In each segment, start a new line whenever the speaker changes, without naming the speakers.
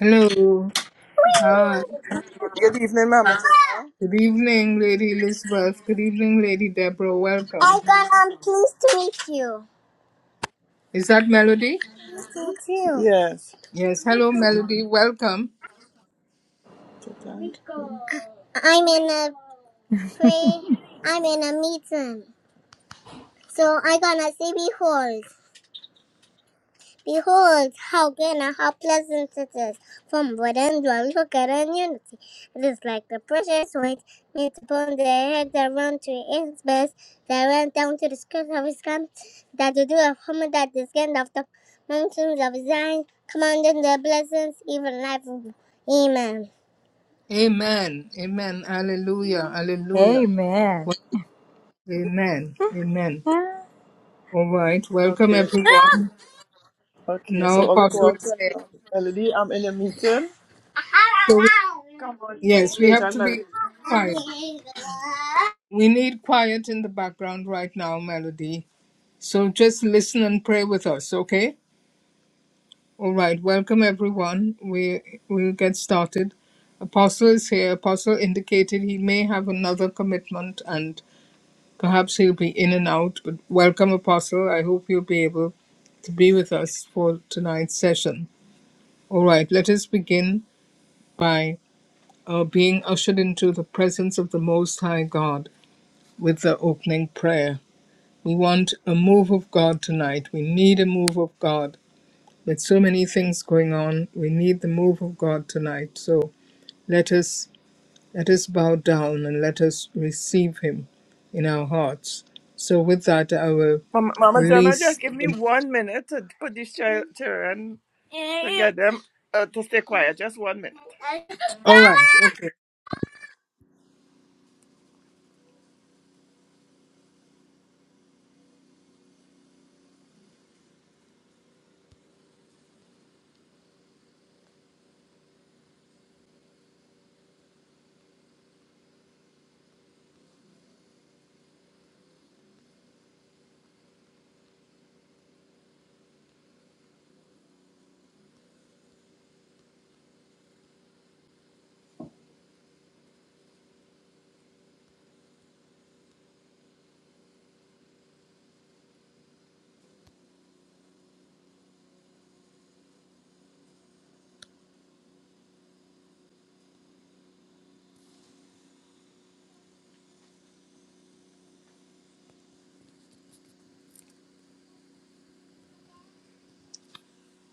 Hello. Ah, good evening, Lady Elizabeth. Good evening, Lady Deborah. Welcome.
Hi, God, I'm pleased to meet you.
Is that Melody?
Me too. Yes.
Yes. Hello, Melody. Welcome.
I'm in a pray. I'm in a meeting. So I am gonna say, behold, behold, how good and how pleasant it is from within the look at and unity. It is like the precious white meets upon the head that run to its best, that ran down to the skirts of his garment, that the dew of Homer, that the skin of the mountains of Zion, commanding the blessings, even life. Amen.
Amen. Amen. Hallelujah. Hallelujah.
Amen.
Well, Amen.
yes,
Amen. All right. Welcome,
Okay,
everyone.
okay.
Now,
So I'll go
Apostle is
outside.
here.
now. Melody, I'm in a meeting.
So,
Come on,
yes, we
Major
have
and
to be
Melody.
quiet. We need quiet in the background right now, Melody. So just listen and pray with us, okay? All right, welcome everyone. We we'll get started. Apostle is here. Apostle indicated he may have another commitment and perhaps he'll be in and out. But welcome, Apostle. I hope you'll be able to be with us for tonight's session. All right, let us begin by uh, being ushered into the presence of the Most High God with the opening prayer. We want a move of God tonight. We need a move of God. with so many things going on we need the move of god tonight so let us let us bow down and let us receive him in our hearts so with that i will
Mama, Mama Gemma,
release
just give me one minute to put these chil- children to get them uh, to stay quiet. Just one minute.
all right okay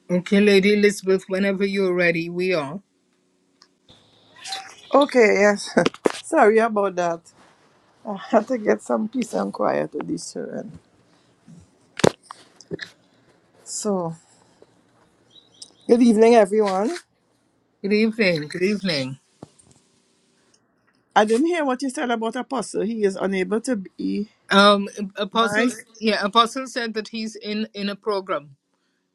okay lady elizabeth whenever you're ready we are
Okay, yes. Sorry about that. I had to get some peace and quiet with these children. So, good evening, everyone.
good evening good evening
I didn't hear what you said about Apostle. He is unable to be.
um
My
apostles yeah apostle said that he's in in a program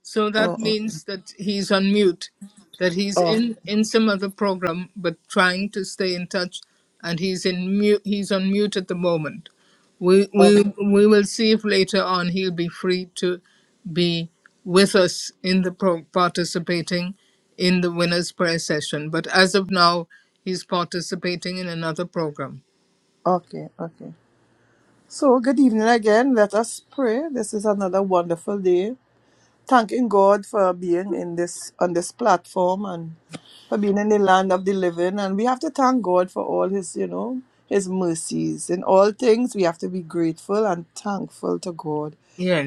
So that
Oh, oh,
means that he's on mute, that he's
oh,
in in some other program, but trying to stay in touch, and he's in mute. He's on mute at the moment. We
oh,
we we will see if later on he'll be free to be with us in the pro- participating in the winners prayer session. But as of now, he's participating in another program.
okay, okay. So, good evening again. Let us pray. This is another wonderful day. Thanking God for being in this on this platform and for being in the land of the living. And we have to thank God for all His, you know, His mercies. In all things, we have to be grateful and thankful to God,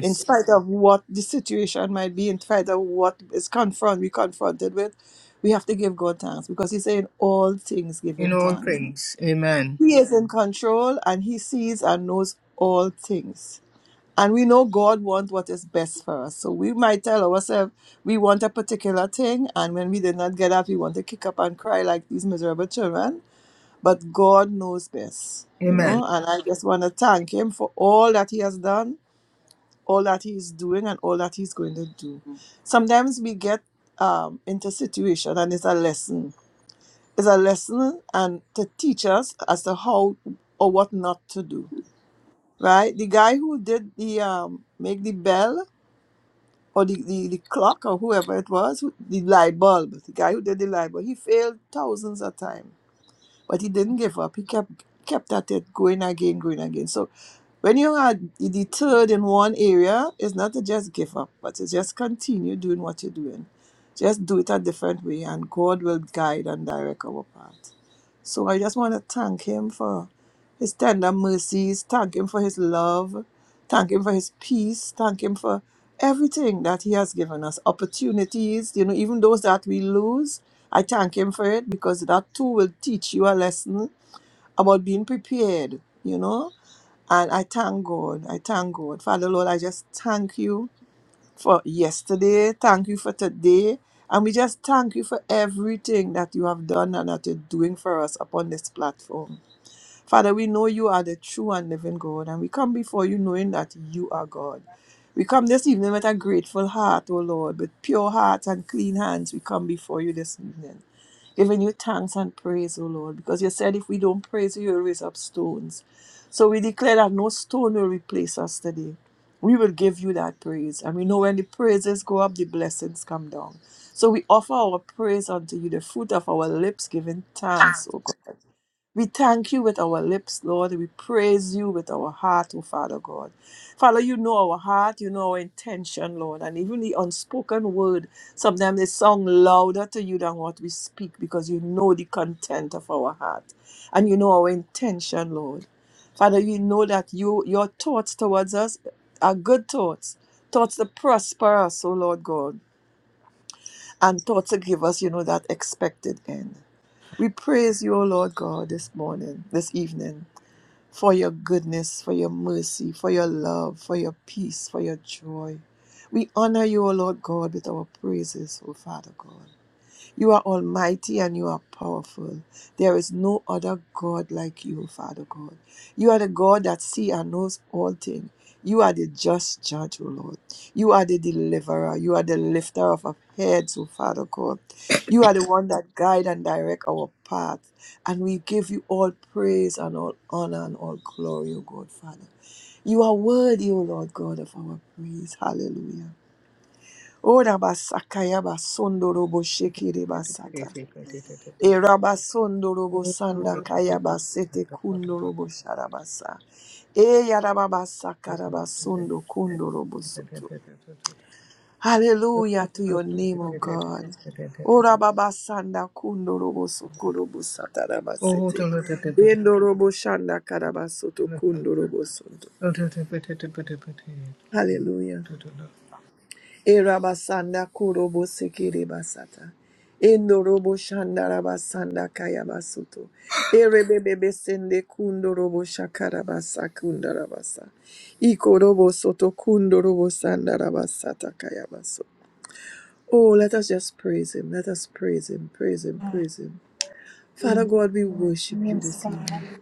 in spite of what the situation might be, in spite of what is confront we confronted with. We have to give God thanks because He said, "In all things, give
in
Him
all
thanks."
things. Amen.
He is in control and he sees and knows all things. And we know God wants what is best for us. So we might tell ourselves we want a particular thing, and when we did not get that, we want to kick up and cry like these miserable children. But God knows best, you
Amen.
know. And I just want to thank Him for all that He has done, all that He is doing, and all that He's going to do. Sometimes we get um, into situation, and it's a lesson is a lesson and to teach us as to how or what not to do. Right? The guy who did the um make the bell or the, the, the clock or whoever it was, who- the light bulb, the guy who did the light bulb, he failed thousands of times. But he didn't give up. He kept kept at it going again, going again. So when you are deterred in one area, it's not to just give up, but to just continue doing what you're doing. Just do it a different way, and God will guide and direct our path. So I just want to thank Him for His tender mercies, thank Him for His love, thank Him for His peace, thank Him for everything that He has given us opportunities, you know, even those that we lose. I thank Him for it because that too will teach you a lesson about being prepared, you know and I thank God. I thank God. Father Lord, I just thank you for yesterday. Thank you for today. And we just thank you for everything that you have done and that you're doing for us upon this platform. Father, we know you are the true and living God. And we come before you knowing that you are God. We come this evening with a grateful heart, O Lord, with pure hearts and clean hands. We come before you this evening giving you thanks and praise, O Lord, because you said if we don't praise you, you'll raise up stones. So we declare that no stone will replace us today. We will give you that praise. And we know when the praises go up, the blessings come down. So we offer our praise unto you, the fruit of our lips, giving thanks, O we thank you with our lips, Lord. We praise you with our heart, oh Father God. Father, you know our heart, you know our intention, Lord. And even the unspoken word, sometimes they sound louder to you than what we speak because you know the content of our heart. And you know our intention, Lord. Father, you know that you your thoughts towards us are good thoughts. Thoughts that prosper us, O Lord God, and thoughts that give us, you know, that expected end. We praise you, O Lord God, this morning, this evening for your goodness, for your mercy, for your love, for your peace, for your joy. We honor you, O Lord God, with our praises, O Father God. You are almighty and you are powerful. There is no other God like you, Father God. You are the God that sees and knows all things. You are the just judge, O Lord. You are the deliverer. You are the lifter of our heads, O Father God. You are the one that guide and direct our path. And we give you all praise and all honor and all glory, O God, Father. You are worthy, O Lord God, of our praise. Hallelujah. Ora basakaya basondoro boshekere basata. Erabasondorobo sanda
Oh,
kayabasete
for
kundorobo sharabasa. Eyarababasa
you are
karabasundo kundorobo soto. Hallelujah to your name, O God. O Orababasanda kundorobo sokorobo satarabasete. Endorobo shanda karabasoto kundorobo soto. Hallelujah. Erabasanda kurobo sekere basata. Endorobo shandarabasanda kayabasuto. Erebebebe sende kundorobo shakarabasa kundarabasa. Ikorobo soto kundorobo sandarabasata kayabaso. Oh, let us just praise him. Let us praise him, praise him, praise him. Father God, we worship you this
God.
evening.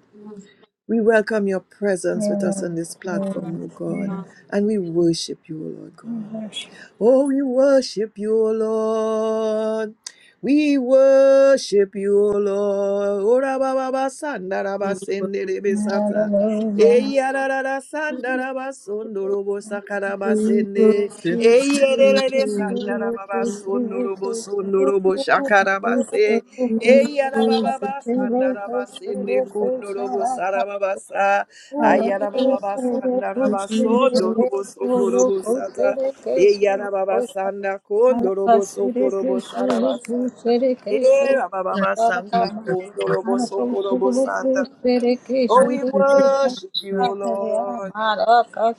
We welcome your presence with
Yes,
us on this platform,
yes,
O God,
yes.
and we worship you, oh Lord
We
God.
worship.
Oh, we worship you, O Lord. We worship you, O Lord. Ora baba basanda raba sendere besata.
Hallelujah.
Eya rara rara sanda raba sondoro bosa karaba sende.
We give
Eya
you
rere rere sanda
glory,
raba
we
ba
give you glory.
sondoro bo sondoro bo
We
shakaraba
give
se.
you
Eya raba baba
glory, we
sanda raba
give
sende
you
kundoro bo
glory.
saraba basa. Aya
Alaka
raba baba
solo
sanda raba sondoro bo sokoro E yarababasanda kondorobo sokorobo sarabasanda. E rabababasanda kondorobo sokorobo sanda. Oh, we worship you, O Lord.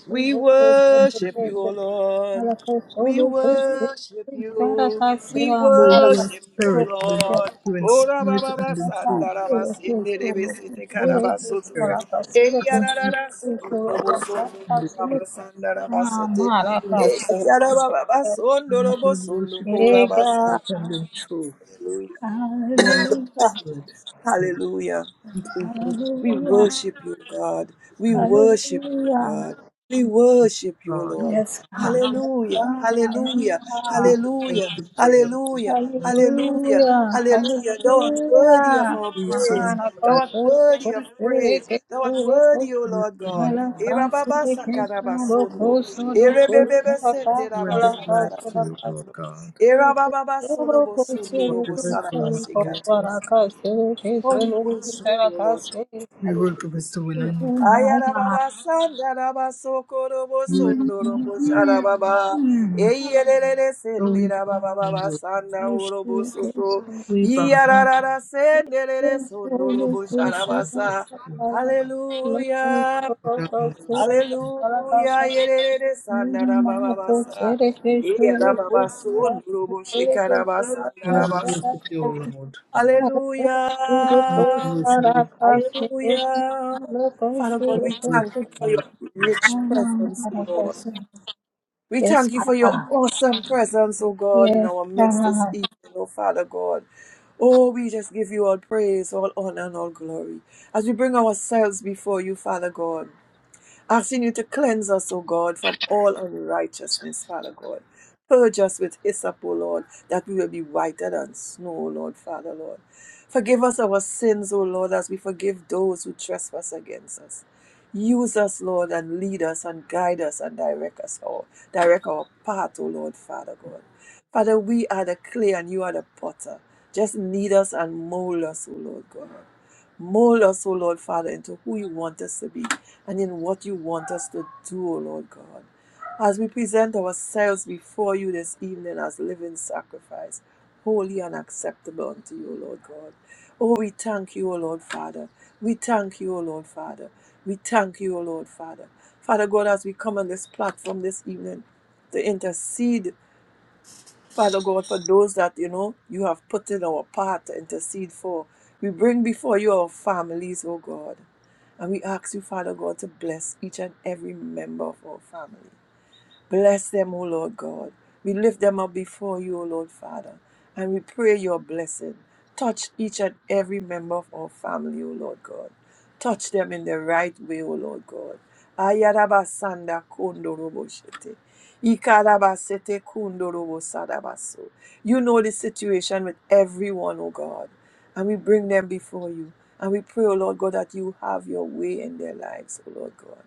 We
kose,
worship you, O Lord.
para
We worship you. We
kasera mara
worship you, O
kasolo
Spirit, you
Lord.
kose.
you in
Ora
spirit
baba
and in
basa
Ega, hallelujah,
truth,
ndara basi nere besi te kara
Holy
basoto.
Spirit,
Eya rara raso ndoro boso
and in
ndoro basa ndara basete.
Holy
Eya rara baba baso
Spirit,
ndoro
we
boso
worship you
ndoro basa.
in spirit and in truth,
Hallelujah.
Holy Spirit,
Hallelujah. We
hallelujah,
worship you, God. We
and in
worship you,
hallelujah.
God. We worship you,
God,
Lord.
Yes,
Father,
God, yes,
Hallelujah.
God, yes,
Hallelujah.
give us
God.
all
Hallelujah.
the praise.
Hallelujah.
Lord,
Hallelujah.
Hallelujah,
Hallelujah. Thou art worthy of
hallelujah.
our
we
praise.
surrender our
Thou
lives
art worthy of praise. Thou art
Manakasuru,
worthy, O
to
Lord
you
Oh
and
God. Erababasakarabasondo.
we surrender our lives to you, Lord
Erebebebesenderabasakarabasundo.
God.
Erabababasorobosundo
Whatever is going on
robosarabasikara.
with us,
Oh, we worship you, Lord.
we will
Hallelujah.
give us the win and
Ayarababa sandaraba sokorobo
you will give
sondorobo
us the Lord.
sharababa. Eyerere
So we bow
sendirababa
down to
baba
you.
sanda orobo soto.
We bow down
Iyararara senderere
and
sondorobo
bow down and worship
sharabasa.
you.
Hallelujah.
Bow down and worship you.
Hallelujah. Yerere sandaraba baba sa. Eyarababa sondorobo shikaraba
Oh,
sandaraba
we
my
worship
soto.
God.
you, Lord.
Yes,
Oh,
God,
we
Hallelujah.
worship you. Lord.
Hallelujah. Father God,
Oh,
we
we
thank you for
worship
your rich presence, O Lord. We thank you for your awesome presence, O God, in
yes,
our midst this evening, O Father God. Oh, we just give you all praise, all honor, and all glory. As we bring ourselves before you, Father God. Asking you to cleanse us, O God, from all unrighteousness, Father God. Purge us with hyssop, O Lord, that we will be whiter than snow, O Lord, Father, Lord. Forgive us our sins, O Lord, as we forgive those who trespass against us. Use us, Lord, and lead us and guide us and direct us all. Direct our path, O Lord, Father God. Father, we are the clay and you are the potter. Just knead us and mold us, O Lord God. Mold us, O Lord Father, into who you want us to be and in what you want us to do, O Lord God. As we present ourselves before you this evening as living sacrifice, holy and acceptable unto you, O Lord God. Oh, we thank you, O Lord Father. We thank you, O Lord Father. We thank you, O Lord Father. Father God, as we come on this platform this evening to intercede Father God, for those that, you know, you have put in our path to intercede for. We bring before you our families, oh God. And we ask you, Father God, to bless each and every member of our family. Bless them, O Lord God. We lift them up before you, O Lord Father, and we pray your blessing. Touch each and every member of our family, O Lord God. Touch them in the right way, O Lord God. Ayarabasanda kondoroboshete. Ikarabasete kondorobosadabaso. You know the situation with everyone, O God, and we bring them before you. And we pray, O Lord God, that you have your way in their lives, O Lord God.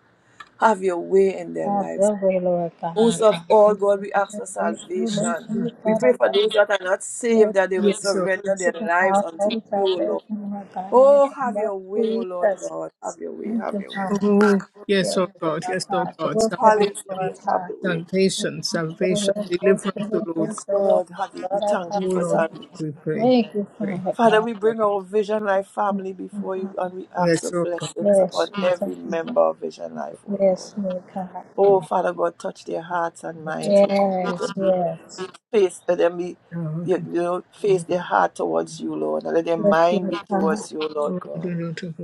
Have your way in their
God,
lives,
your way, Lord
most
God.
of all, God, we ask for
Yes, you
salvation.
you,
mentioned
We
Lord.
pray
Father
for those that are not saved
Yes,
that they will
Yes,
surrender their
the
lives unto
household
you, O Lord.
salvation, Lord God, in the
Oh,
name
have
of
your way, O Lord
Jesus.
God. Have your way,
Thank
have
you,
your way.
Father.
Oh, yes,
Yes,
oh
Lord
God, yes, oh
God, the
God,
will for them,
salvation,
Lord
Hallelujah, have
God.
your way.
salvation,
The
salvation,
Lord, oh, the
deliverance, O Lord
Lord,
Yes,
the
God.
Lord,
Lord, have your-
the
we
Lord, our
thank you
Oh
for
Lord,
God.
God,
salvation.
we pray,
Thank you,
pray.
Father
Father, we bring our Vision Life family before you
God.
and we ask for
Yes, oh God,
blessings
Yes,
upon every
Jesus.
member of Vision
yes, oh
Life, O
God.
Yes,
Lord.
Lord God.
Oh
Oh, Father God, touch their hearts and minds, O
Yes,
God.
yes.
face let them be you know, face their heart towards you, Lord, and let their
Yes,
mind
Lord
be
God.
towards you, Lord God.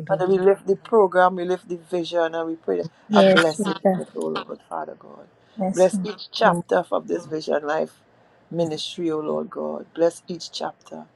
Father, we lift the program, we lift the vision, and we pray a
Yes,
blessing
Lord
on
God.
it, O Lord, Father God.
Yes,
Bless
Lord.
each
oh,
chapter of this Vision Life ministry, O Lord God. Bless each chapter.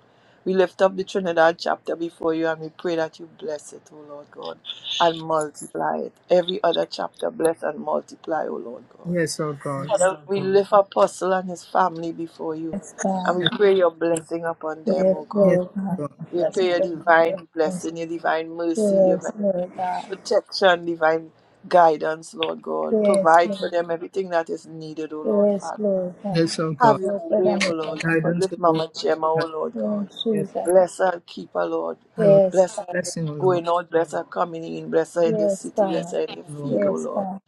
We lift up the Trinidad chapter before you, and we pray that you bless it, O Lord God, and multiply it. Every other chapter, bless and multiply, O Lord God.
yes, oh God,
Father, we lift Apostle and his family before you,
yes,
and
God.
yes,
we
oh
pray your blessing upon them, O
Yes,
God.
Lord God.
God,
We pray
Blessings
your
of
divine
Yes,
blessing, your divine mercy, your divine
yes, Lord God.
protection, divine guidance, Lord God.
Yes,
Provide for
Lord.
them everything that is needed, O Lord
Yes,
Father.
Lord God. Yes,
yes, oh God.
Have your
Lord, but I'm
way, O
with
Lord
us.
God.
Guidance, O
Lift
Lord
Mama Gemma, O
God.
Lord God.
Yes,
Yes,
Jesus.
Bless her, and keep her, Lord.
I will
Yes,
Bless
God.
her
blessing, O Lord,
going out, bless her coming in, bless her in the
blessing,
Yes,
city, bless
God.
her in the
O Lord
field,
God.
O
Yes,
Lord.
God.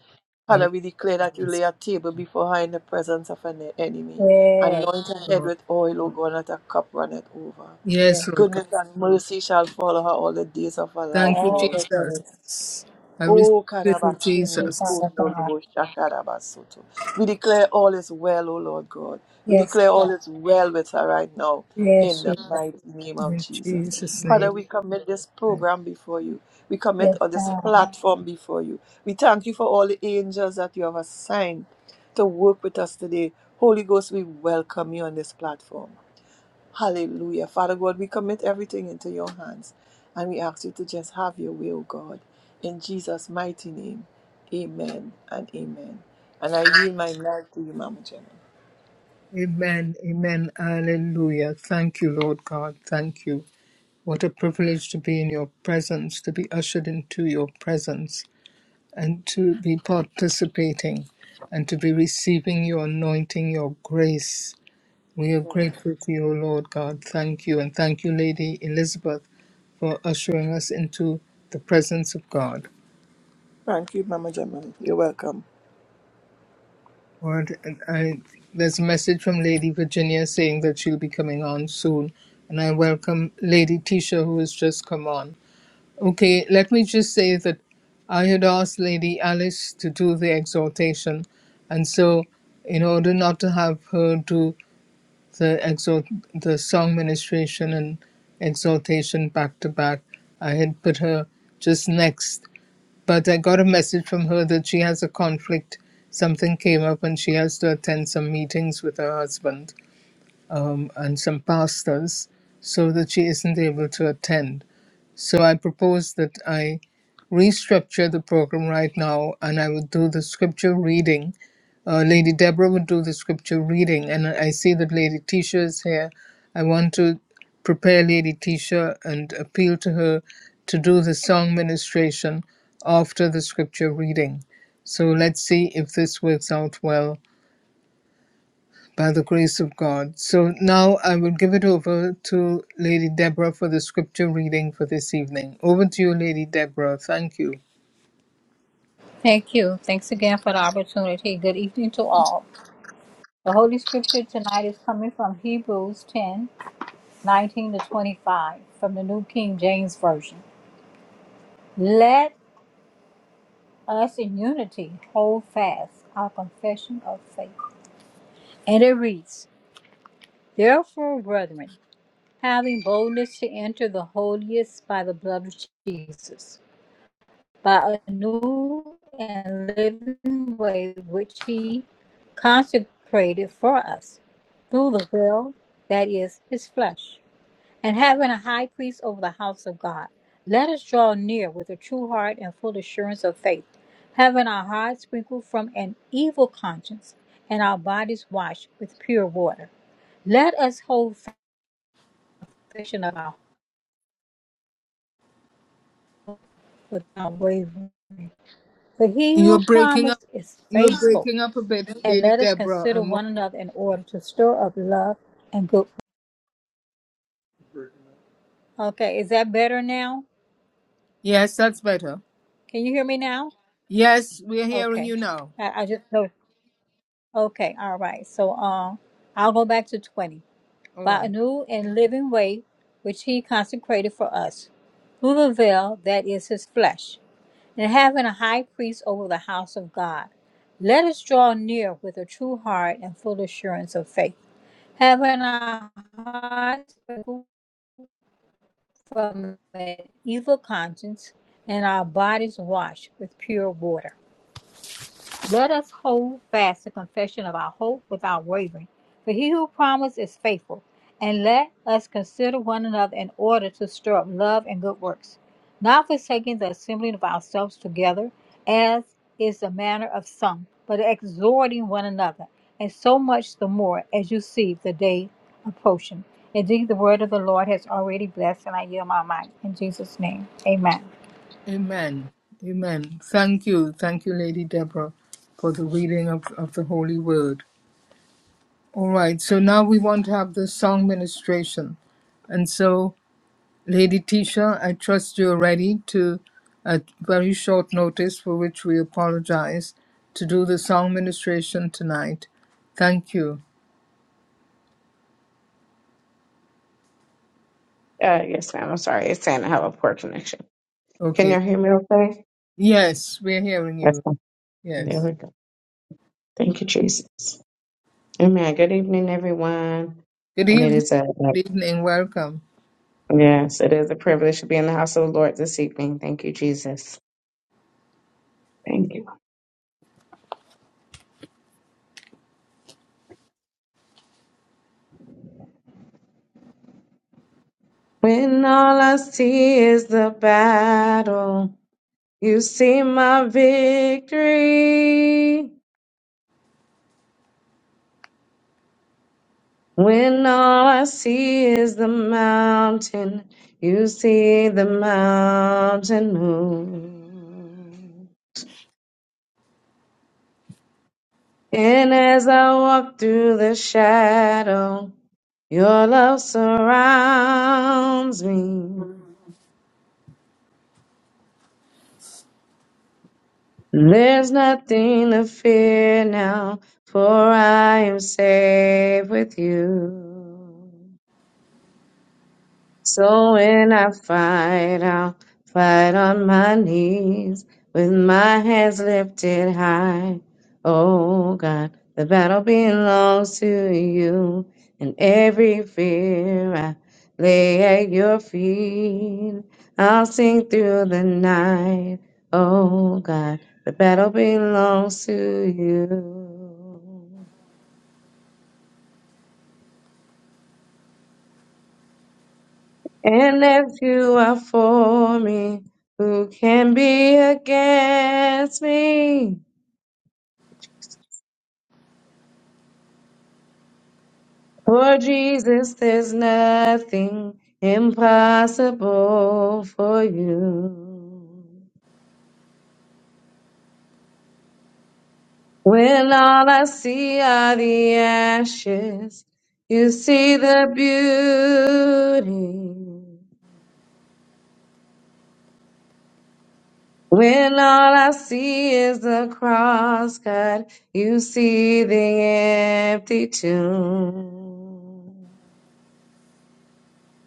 I will
Father, we declare that you lay
bless,
a table before her in the presence of an enemy.
Yes,
Anoint her head
Lord.
with oil, O God, that her cup runneth over.
yes.
Yes, Lord God.
Goodness and mercy shall follow her all the days of her life,
Thank
O
you,
All
Lord.
the days.
Jesus. I receive
Oh,
it with
Thank you,
Karabatinde
Jesus.
Father God.
Kundolobo Shakarabasoto. We declare all is well, O Lord God. We
Yes,
declare
God.
all is well with her right now in
Yes,
the
Jesus.
mighty name of
In
Jesus.
Jesus' name.
Father, we commit this program before you. We commit
Yes,
on this
God.
platform before you. We thank you for all the angels that you have assigned to work with us today. Holy Ghost, we welcome you on this platform. Hallelujah. Father God, we commit everything into your hands and we ask you to just have your will, God. In Jesus' mighty name, amen and amen. And I yield my mic to you, Mama Gemma.
Amen. Amen. Hallelujah. Thank you, Lord God. Thank you. What a privilege to be in your presence, to be ushered into your presence, and to be participating and to be receiving your anointing, your grace. We are grateful to you, O Lord God. Thank you. And thank you, Lady Elizabeth, for ushering us into the presence of God.
Thank you, Mama Gemma. You're welcome.
What? And I, there's a message from Lady Virginia saying that she'll be coming on soon. And I welcome Lady Tisha, who has just come on. Okay, let me just say that I had asked Lady Alice to do the exhortation. And so, in order not to have her do the, exhort, the song ministration and exhortation back to back, I had put her just next. But I got a message from her that she has a conflict. Something came up and she has to attend some meetings with her husband um, and some pastas so that she isn't able to attend. So I propose that I restructure the program right now and I would do the scripture reading. Uh, Lady Deborah would do the scripture reading, and I see that Lady Tisha is here. I want to prepare Lady Tisha and appeal to her to do the song ministration after the scripture reading. So let's see if this works out well by the grace of God. So now I will give it over to Lady Deborah for the scripture reading for this evening. Over to you, Lady Deborah. Thank you.
Thank you. Thanks again for the opportunity. Good evening to all. The Holy Scripture tonight is coming from Hebrews 10 19 to 25 from the New King James Version. Let us in unity hold fast our confession of faith. And it reads, Therefore, brethren, having boldness to enter the holiest by the blood of Jesus, by a new and living way which he consecrated for us through the will that is, his flesh, and having a high priest over the house of God, let us draw near with a true heart and full assurance of faith, having our hearts sprinkled from an evil conscience and our bodies washed with pure water. Let us hold fast the confession of our hope without wavering, for he who
You're breaking up.
promised is
You're
faithful.
breaking up a bit,
And
Lady
let us
Deborah.
consider
I'm, wa-
one another in order to stir up love and good. Okay, is that better now?
yes, that's better.
Can you hear me now?
Yes, we're hearing
Okay.
you now.
I, I just know. Okay. All right. So um, I'll go back to 20.
All
By a
right.
new and living way, which he consecrated for us, through the veil that is his flesh, and having a high priest over the house of God, let us draw near with a true heart and full assurance of faith, having our hearts sprinkled from an evil conscience and our bodies washed with pure water. Let us hold fast the confession of our hope without wavering, for he who promised is faithful. And let us consider one another in order to stir up love and good works, not forsaking the assembling of ourselves together, as is the manner of some, but exhorting one another, and so much the more as you see the day approaching. Indeed, the word of the Lord has already blessed, and I yield my mind. In Jesus' name, amen.
Amen. Amen. Thank you. Thank you, Lady Deborah, for the reading of, of the Holy Word. All right. So now we want to have the song ministration. And so Lady Tisha, I trust you are ready to, at very short notice, for which we apologize, to do the song ministration tonight. Thank you.
Uh, yes, ma'am. I'm sorry. It's saying I have a poor connection. Can
Okay.
you hear me okay?
Yes, we're hearing
That's
you.
fine. There
Yes.
we go. Thank you, Jesus. Amen. Good evening, everyone.
Good
And it
evening.
is a
Good evening. Welcome.
yes, it is a privilege to be in the house of the Lord this evening. Thank you, Jesus. Thank you. When all I see is the battle, you see my victory. When all I see is the mountain, you see the mountain move. And as I walk through the shadow, your love surrounds me. There's nothing to fear now, for I am safe with you. So when I fight, I'll fight on my knees with my hands lifted high. Oh God, the battle belongs to you, and every fear I lay at your feet. I'll sing through the night. Oh God, the battle belongs to you. And if you are for me, who can be against me? For Jesus, there's nothing impossible for you. When all I see are the ashes, you see the beauty. When all I see is the cross, God, you see the empty tomb.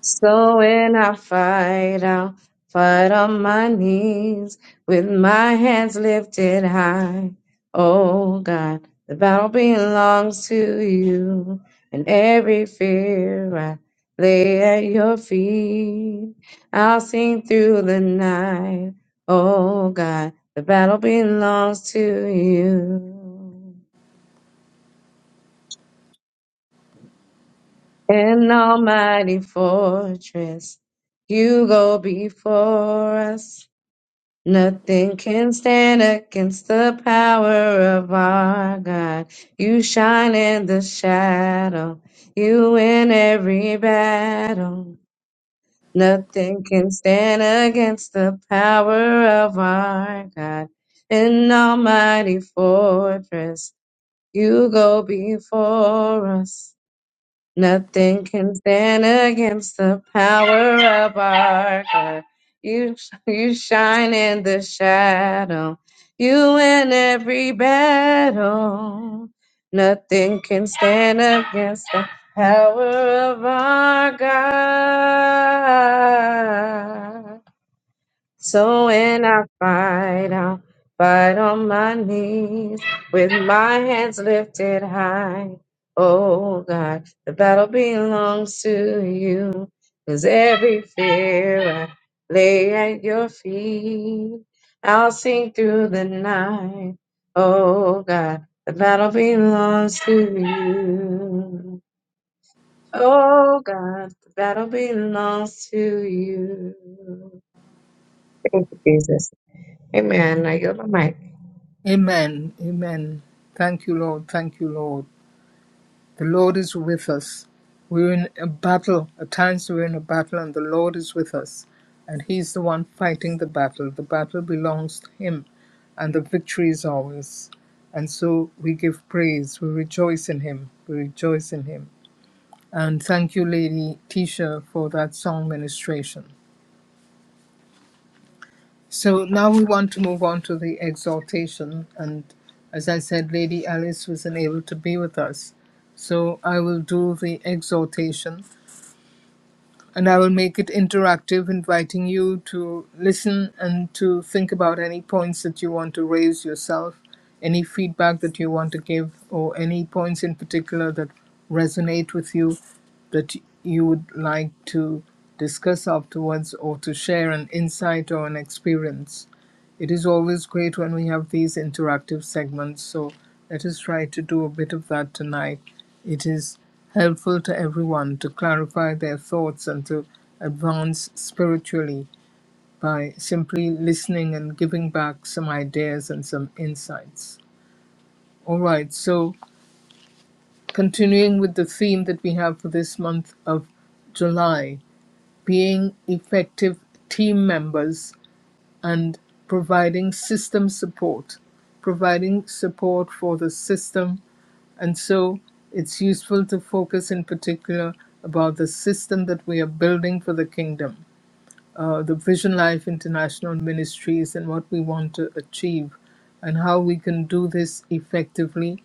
So when I fight, I'll fight on my knees with my hands lifted high. Oh God, the battle belongs to you, and every fear I lay at your feet. I'll sing through the night. Oh God, the battle belongs to you. An almighty fortress, you go before us. Nothing can stand against the power of our God. You shine in the shadow. You win every battle. Nothing can stand against the power of our God. An almighty fortress. You go before us. Nothing can stand against the power of our God. You, you shine in the shadow. You win every battle. Nothing can stand against the power of our God. So when I fight, I'll fight on my knees with my hands lifted high. Oh God, the battle belongs to you. Cause every fear I lay at your feet, I'll sing through the night. Oh God, the battle belongs to you. Oh God, the battle belongs to you. Thank you, Jesus. Amen. I yield my mic.
Amen. Amen. Thank you, Lord. Thank you, Lord. The Lord is with us. We're in a battle. At times we're in a battle, and the Lord is with us. And He's the one fighting the battle. The battle belongs to Him, and the victory is ours. And so we give praise. We rejoice in Him. We rejoice in Him. And thank you, Lady Tisha, for that song ministration. So now we want to move on to the exaltation. And as I said, Lady Alice was unable to be with us. So I will do the exaltation. and I will make it interactive, inviting you to listen and to think about any points that you want to raise yourself, any feedback that you want to give, or any points in particular that resonate with you that you would like to discuss afterwards or to share an insight or an experience. It is always great when we have these interactive segments, so let us try to do a bit of that tonight. It is helpful to everyone to clarify their thoughts and to advance spiritually by simply listening and giving back some ideas and some insights. All right, so continuing with the theme that we have for this month of July being effective team members and providing system support, providing support for the system And so it's useful to focus in particular about the system that we are building for the kingdom, uh, the Vision Life International Ministries, and what we want to achieve, and how we can do this effectively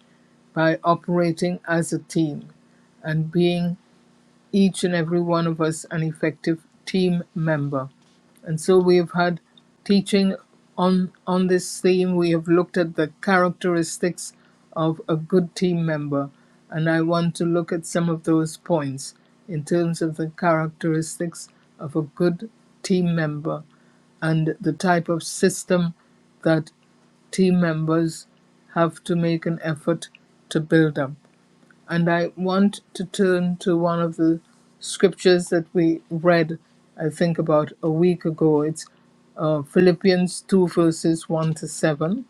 by operating as a team and being each and every one of us an effective team member. And so we have had teaching on on this theme. We have looked at the characteristics of a good team member, and I want to look at some of those points in terms of the characteristics of a good team member and the type of system that team members have to make an effort to build up. And I want to turn to one of the scriptures that we read, I think, about a week ago. It's uh, Philippians 2, verses 1 to 7.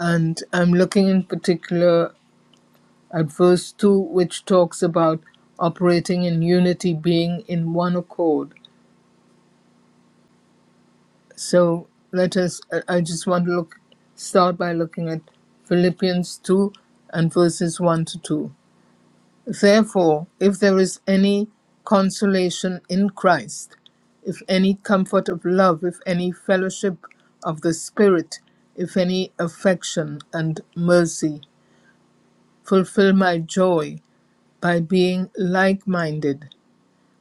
And I'm looking in particular at verse 2, which talks about operating in unity, being in one accord. So let us, I I just want to look, start by looking at Philippians 2 and verses 1 to 2. Therefore, if there is any consolation in Christ, if any comfort of love, if any fellowship of the Spirit, if any affection and mercy, fulfill my joy by being like minded,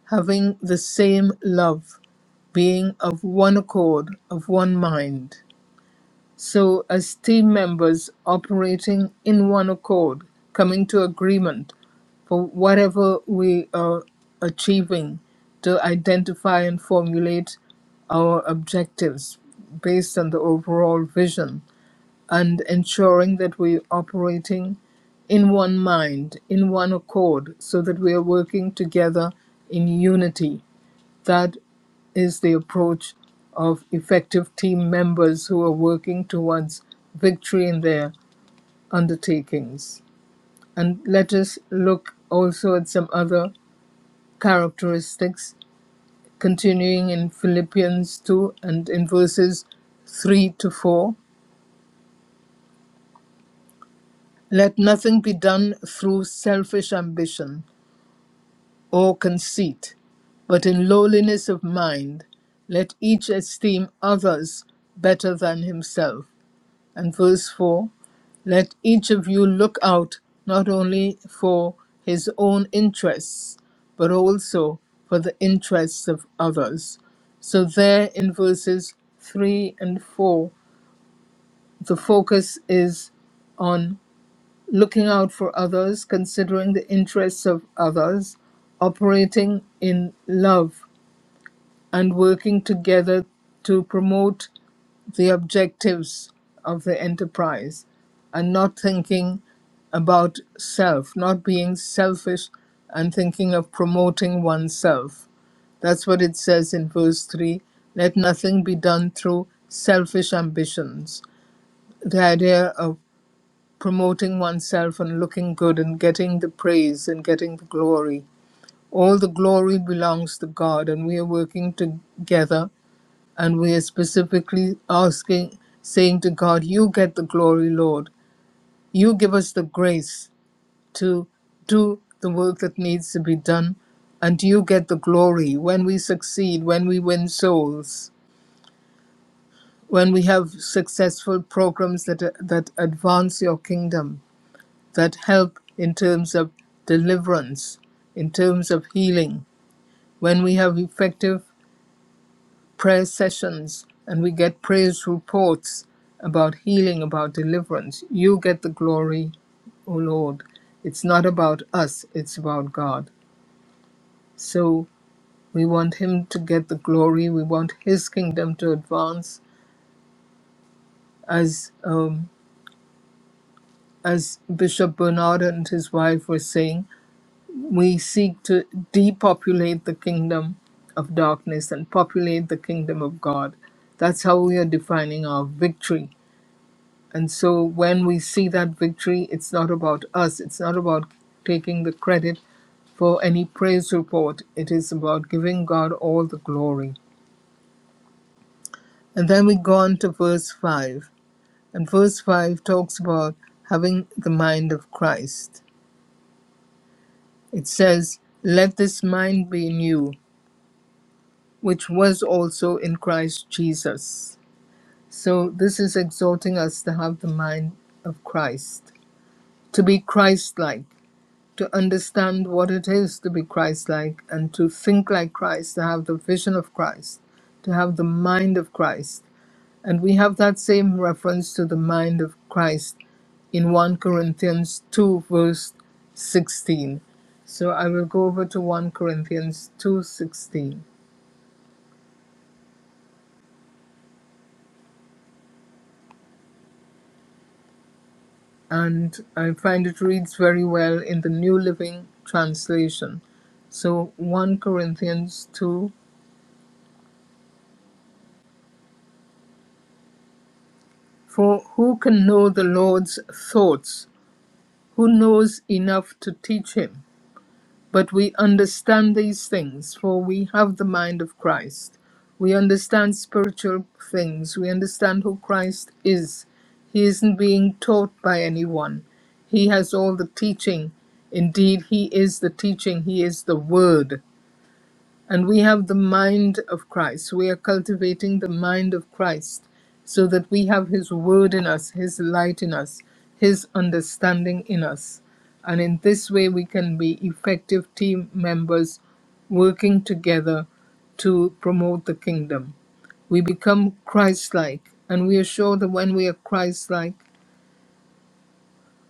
having the same love, being of one accord, of one mind so as team members operating in one accord, coming to agreement for whatever we are achieving to identify and formulate our objectives based on the overall vision and ensuring that we're operating in one mind, in one accord, so that we are working together in unity that is the approach of effective team members who are working towards victory in their undertakings. And let us look also at some other characteristics, continuing in Philippians 2 and in verses 3 to 4. Let nothing be done through selfish ambition or conceit, but in lowliness of mind, let each esteem others better than himself. And verse 4 Let each of you look out not only for his own interests, but also for the interests of others. So, there in verses 3 and 4, the focus is on looking out for others, considering the interests of others, operating in love, and working together to promote the objectives of the enterprise and not thinking about self, not being selfish and thinking of promoting oneself. That's what it says in verse 3 let nothing be done through selfish ambitions. The idea of promoting oneself and looking good and getting the praise and getting the glory. All the glory belongs to God, and we are working together and we are specifically asking, saying to God, You get the glory, Lord. You give us the grace to do the work that needs to be done. And you get the glory when we succeed, when we win souls, when we have successful programs that, that advance your kingdom, that help in terms of deliverance, in terms of healing, when we have effective prayer sessions and we get praise reports about healing, about deliverance. You get the glory, O Lord. It's not about us, it's about God. So we want Him to get the glory. We want His kingdom to advance. As um, as Bishop Bernard and his wife were saying, we seek to depopulate the kingdom of darkness and populate the kingdom of God. That's how we are defining our victory And so when we see that victory, it's not about us, it's not about taking the credit for any praise report, it is about giving God all the glory. And then we go on to verse 5. And verse 5 talks about having the mind of Christ. It says, Let this mind be in you, which was also in Christ Jesus. So this is exhorting us to have the mind of Christ, to be Christ like, to understand what it is to be Christ like and to think like Christ, to have the vision of Christ, to have the mind of Christ. And we have that same reference to the mind of Christ in 1 Corinthians 2, verse 16. So I will go over to 1 Corinthians 2:16 and I find it reads very well in the New Living Translation. So 1 Corinthians 2 For who can know the Lord's thoughts who knows enough to teach him. But we understand these things, for we have the mind of Christ. We understand spiritual things. We understand who Christ is. He isn't being taught by anyone. He has all the teaching. Indeed, He is the teaching. He is the Word and we have the mind of Christ. We are cultivating the mind of Christ so that we have His word in us, His light in us, His understanding in us. And in this way, we can be effective team members working together to promote the kingdom. We become Christ like, and we are sure that when we are Christ like,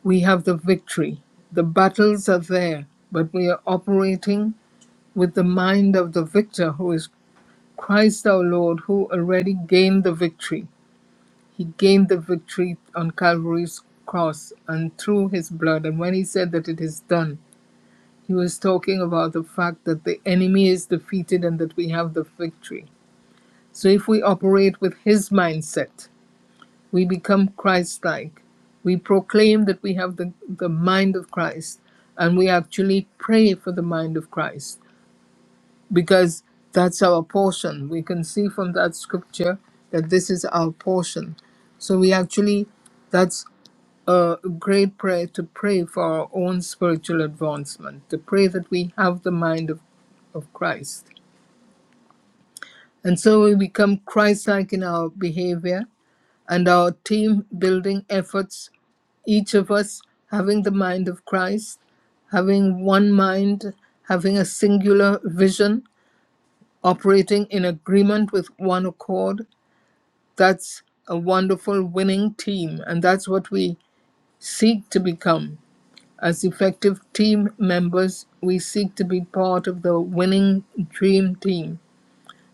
we have the victory. The battles are there, but we are operating with the mind of the victor who is Christ our Lord, who already gained the victory, he gained the victory on Calvary's cross and through his blood. And when he said that it is done, he was talking about the fact that the enemy is defeated and that we have the victory. So if we operate with his mindset, we become Christ like. We proclaim that we have the, the mind of Christ and we actually pray for the mind of Christ. because that's our portion. We can see from that scripture that this is our portion. So we actually, that's a great prayer to pray for our own spiritual advancement, to pray that we have the mind of, of Christ. And so we become Christ like in our behavior and our team building efforts, each of us having the mind of Christ, having one mind, having a singular vision operating in agreement with one accord. That's a wonderful winning team, and that's what we seek to become. As effective team members, we seek to be part of the winning dream team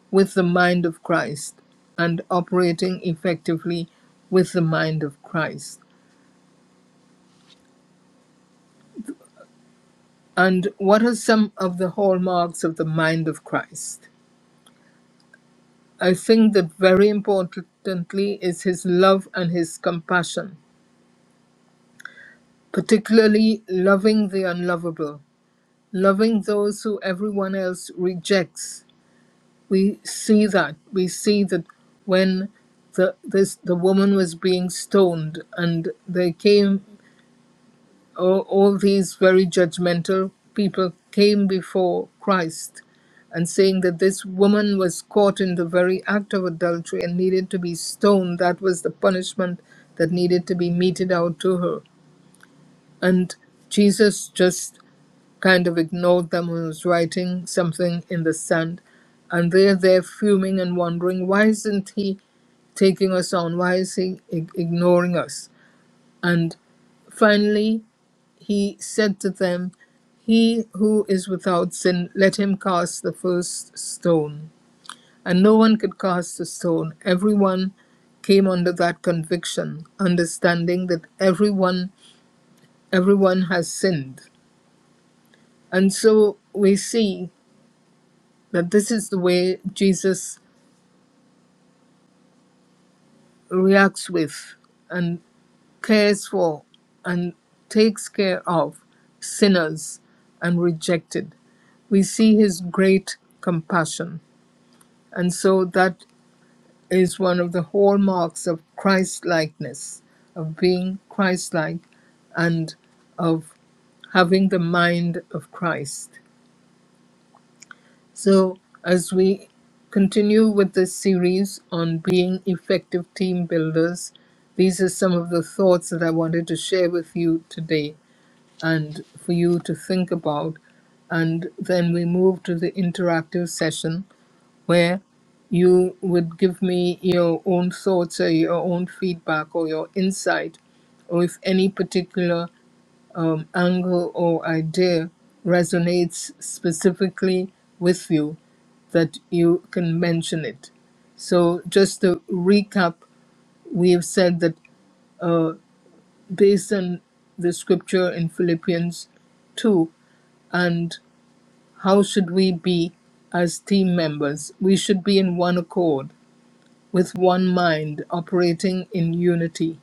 with the mind of Christ and operating effectively with the mind of Christ. And what are some of the hallmarks of the mind of Christ? I think that very importantly is his love and his compassion particularly loving the unlovable, loving those who everyone else rejects. We see that. We see that when the this the woman was being stoned and they came all, all these very judgmental people came before Christ and saying that this woman was caught in the very act of adultery and needed to be stoned. That was the punishment that needed to be meted out to her. And Jesus just kind of ignored them and was writing something in the sand. And they're there fuming and wondering, why isn't he taking us on? Why is he ig- ignoring us? And finally, he said to them, He who is without sin, let him cast the first stone. And no one could cast a stone. Everyone came under that conviction, understanding that everyone everyone has sinned. And so we see that this is the way Jesus reacts with and cares for and takes care of sinners and rejected. We see his great compassion. And so that is one of the hallmarks of Christ likeness, of being Christ like and of having the mind of Christ. So, as we continue with this series on being effective team builders, these are some of the thoughts that I wanted to share with you today and for you to think about. And then we move to the interactive session where you would give me your own thoughts or your own feedback or your insight or if any particular um, angle or idea resonates specifically with you that you can mention it. So, just to recap, we have said that uh, based on the scripture in Philippians 2, and how should we be as team members? We should be in one accord, with one mind, operating in unity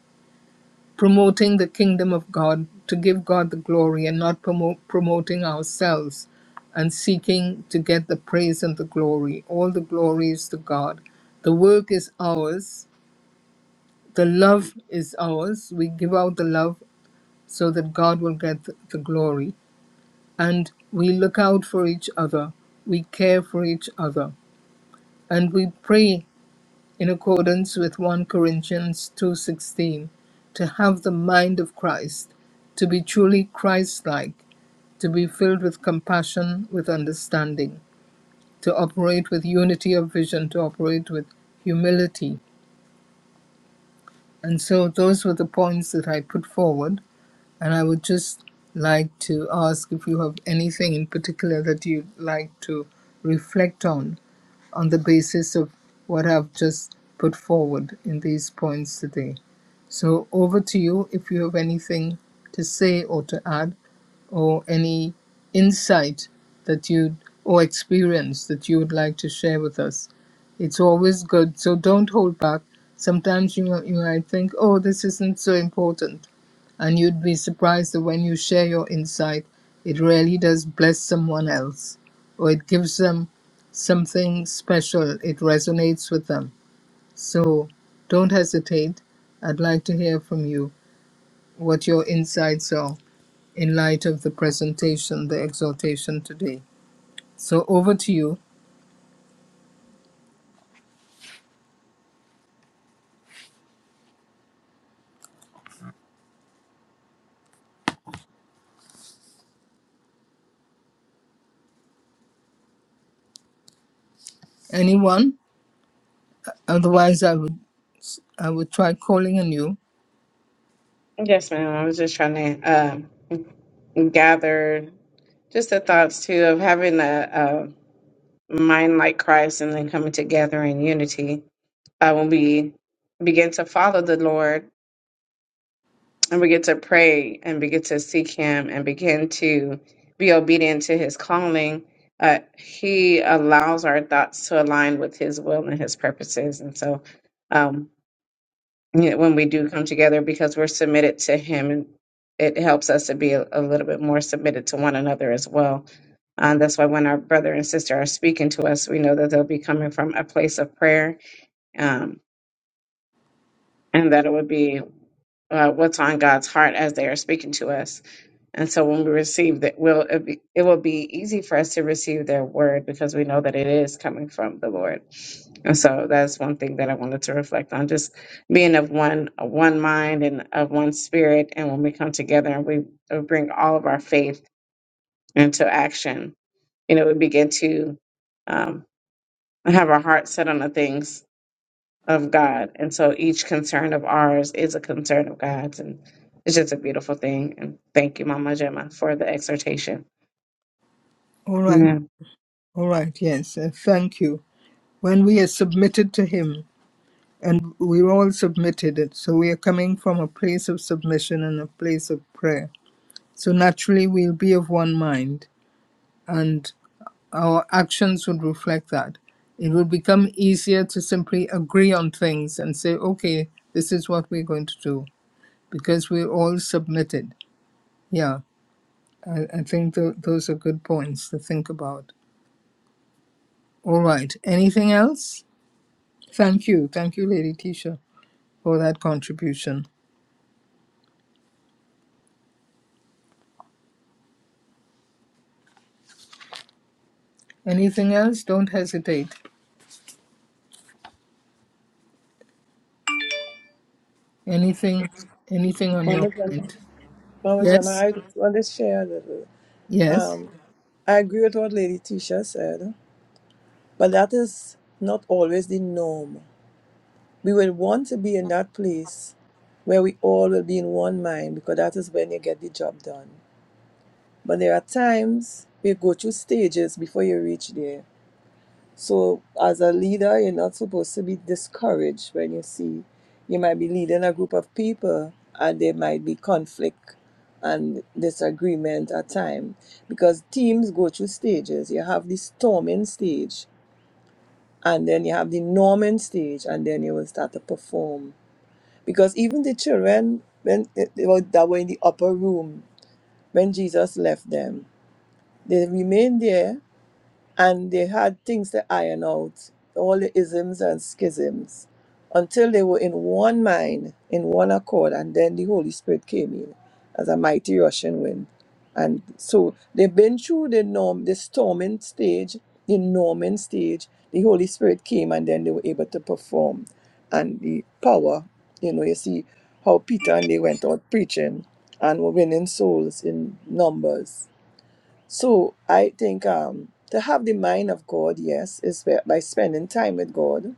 promoting the kingdom of God, to give God the glory and not promote, promoting ourselves and seeking to get the praise and the glory. All the glory is to God. The work is ours, the love is ours. We give out the love so that God will get the, the glory. And we look out for each other, we care for each other, and we pray in accordance with 1 Corinthians 2:16 to have the mind of Christ to be truly Christ-like to be filled with compassion with understanding to operate with unity of vision to operate with humility and so those were the points that I put forward and I would just like to ask if you have anything in particular that you'd like to reflect on on the basis of what I've just put forward in these points today. So over to you if you have anything to say or to add, or any insight that you or experience that you would like to share with us. It's always good, so don't hold back. Sometimes you might, you might think, oh, this isn't so important, and you'd be surprised that when you share your insight, it really does bless someone else, or it gives them something special. It resonates with them. So don't hesitate. I'd like to hear from you what your insights are in light of the presentation, the exhortation today. So over to you. Anyone? Otherwise, I would I would try calling on you.
Yes, ma'am. I was just trying to um, gather just the thoughts too of having a, a mind like Christ and then coming together in unity. Uh, when we begin to follow the Lord and begin to pray and begin to seek Him and begin to be obedient to His calling, uh, He allows our thoughts to align with His will and His purposes. And so, um, Yeah, when we do come together because we're submitted to him and it helps us to be a, a little bit more submitted to one another as well um, that's why when our brother and sister are speaking to us we know that they'll be coming from a place of prayer um, and that it would be uh, what's on god's heart as they are speaking to us and so when we receive that, will it, be, it will be easy for us to receive their word because we know that it is coming from the Lord. And so that's one thing that I wanted to reflect on, just being of one of one mind and of one spirit. And when we come together and we uh, bring all of our faith into action, you know, we begin to um, have our heart set on the things of God. And so each concern of ours is a concern of God's, and it's just a beautiful thing. And thank you, Mama Gemma, for the exhortation.
All right,
Amen.
all right. Yes, uh, thank you. When we are submitted to Him, and we're all submitted, it so we are coming from a place of submission and a place of prayer. So naturally, we'll be of one mind, and our actions would reflect that. It would become easier to simply agree on things and say, okay, this is what we're going to do because we're all submitted. Yeah, I, I think th- those are good points to think about. All right, anything else? Thank you. Thank you, Lady Tisha, for that contribution. Anything else? Don't hesitate. Anything, anything on your
Mama Gemma,
mind?
Mama Gemma
Yes,
I just want to share a little.
yes.
Um, I agree with what Lady Tisha said, but that is not always the norm. We will want to be in that place where we all will be in one mind because that is when you get the job done. But there are times we go through stages before you reach there. So, as a leader, you're not supposed to be discouraged when you see you might be leading a group of people and there might be conflict and disagreement at times because teams go through stages. You have the storming stage, and then you have the norming stage, and then you will start to perform. Because even the children when eh, they were, that were in the upper room when Jesus left them, they remained there and they had things to iron out, all the isms and schisms, until they were in one mind, in one accord, and then the Holy Spirit came in as a mighty rushing wind. And so they've been through the norm, the storming stage, the norming stage. The Holy Spirit came, and then they were able to perform, and the power. You know, you see how Peter and they went out preaching and were winning souls in numbers so I think um, to have the mind of God, yes, is by by spending time with God.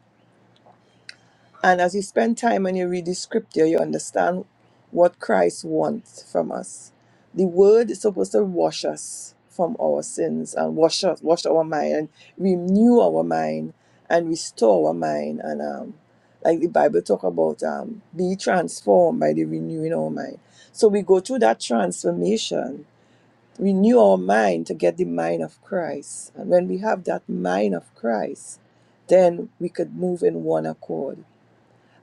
And as you spend time and you read the scripture, you understand what Christ wants from us. The word is supposed to wash us from our sins and wash us, wash our mind and renew our mind and restore our mind. And um, like the Bible talk about um, be transformed by the renewing of our mind. So we go through that transformation renew our mind to get the mind of Christ. And when we have that mind of Christ, then we could move in one accord.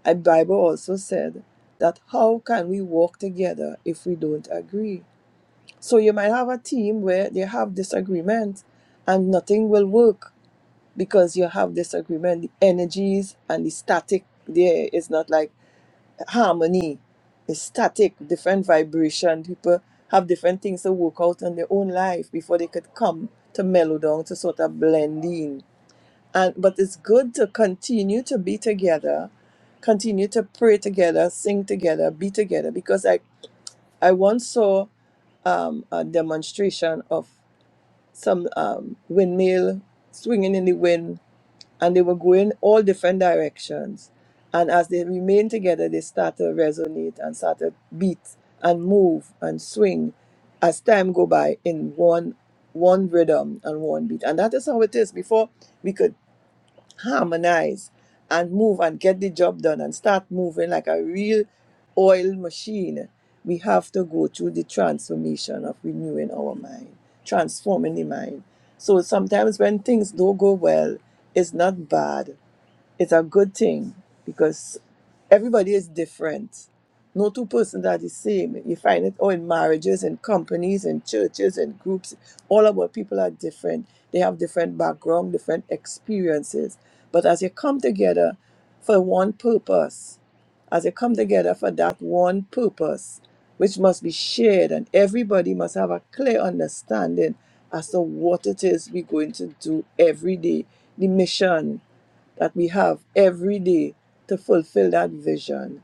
And Bible also said that how can we walk together if we don't agree? So you might have a team where they have disagreement and nothing will work because you have disagreement. The energies and the static there is not like harmony is static, different vibration. People have different things to work out in their own life before they could come to mellow down to sort of blend in. And but it's good to continue to be together, continue to pray together, sing together, be together. Because I I once saw um, a demonstration of some um, windmill swinging in the wind and they were going all different directions. And as they remained together, they started to resonate and started to beat and move and swing as time go by in one one rhythm and one beat. And that is how it is. Before we could harmonize and move and get the job done and start moving like a real oil machine, we have to go through the transformation of renewing our mind, transforming the mind. So sometimes when things don't go well, it's not bad, it's a good thing because. Everybody is different. No two persons are the same. You find it all in marriages and companies and churches and groups. All about people are different. They have different background, different experiences. But as you come together for one purpose, as you come together for that one purpose, which must be shared, and everybody must have a clear understanding as to what it is we're going to do every day, the mission that we have every day to fulfill that vision.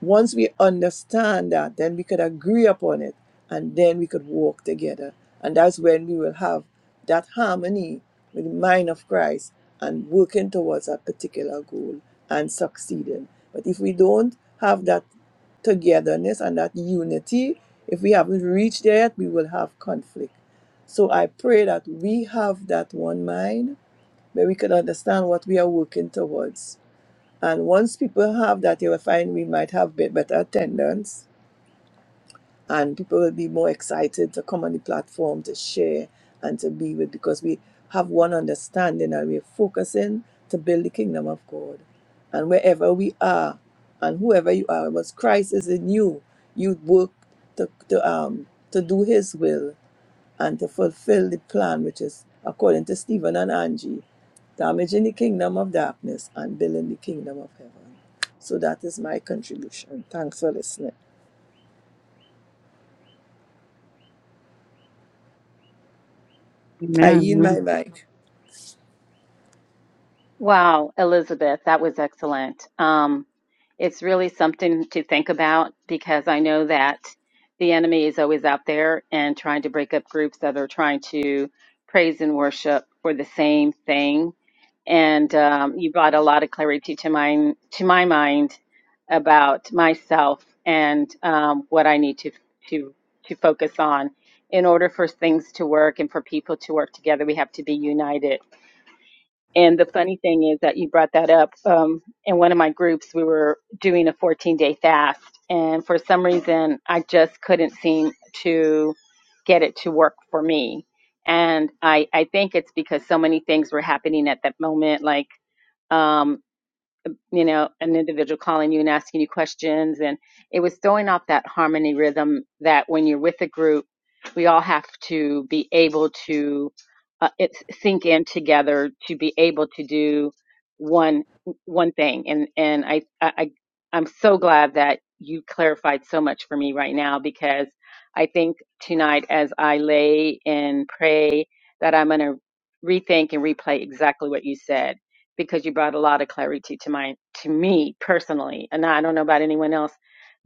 Once we understand that, then we could agree upon it and then we could walk together. And that's when we will have that harmony with the mind of Christ and working towards a particular goal and succeeding. But if we don't have that togetherness and that unity, if we haven't reached there yet, we will have conflict. So I pray that we have that one mind where we can understand what we are working towards. And once people have that, you will find we might have bit better attendance and people will be more excited to come on the platform to share and to be with because we have one understanding and we're focusing to build the kingdom of God. And wherever we are and whoever you are, because Christ is in you, you work to, to, um, to do his will and to fulfill the plan which is according to Stephen and Angie, damaging the kingdom of darkness and building the kingdom of heaven. So that is my contribution. Thanks for listening. I
Amen.
yield my
Amen.
mic.
Wow, Elizabeth, that was excellent. Um, it's really something to think about because I know that the enemy is always out there and trying to break up groups that are trying to praise and worship for the same thing. And um, you brought a lot of clarity to my to my mind about myself and um, what I need to to to focus on in order for things to work and for people to work together. We have to be united and the funny thing is that you brought that up. Um, in one of my groups, we were doing a 14 day fast. And for some reason, I just couldn't seem to get it to work for me. And I, I think it's because so many things were happening at that moment. Like, um, you know, an individual calling you and asking you questions. And it was throwing off that harmony rhythm that when you're with a group, we all have to be able to uh, it's sink in together to be able to do one one thing. And and I, I I- I'm so glad that you clarified so much for me right now because I think tonight as I lay and pray that I'm gonna rethink and replay exactly what you said because you brought a lot of clarity to my to me personally and i don't know about anyone else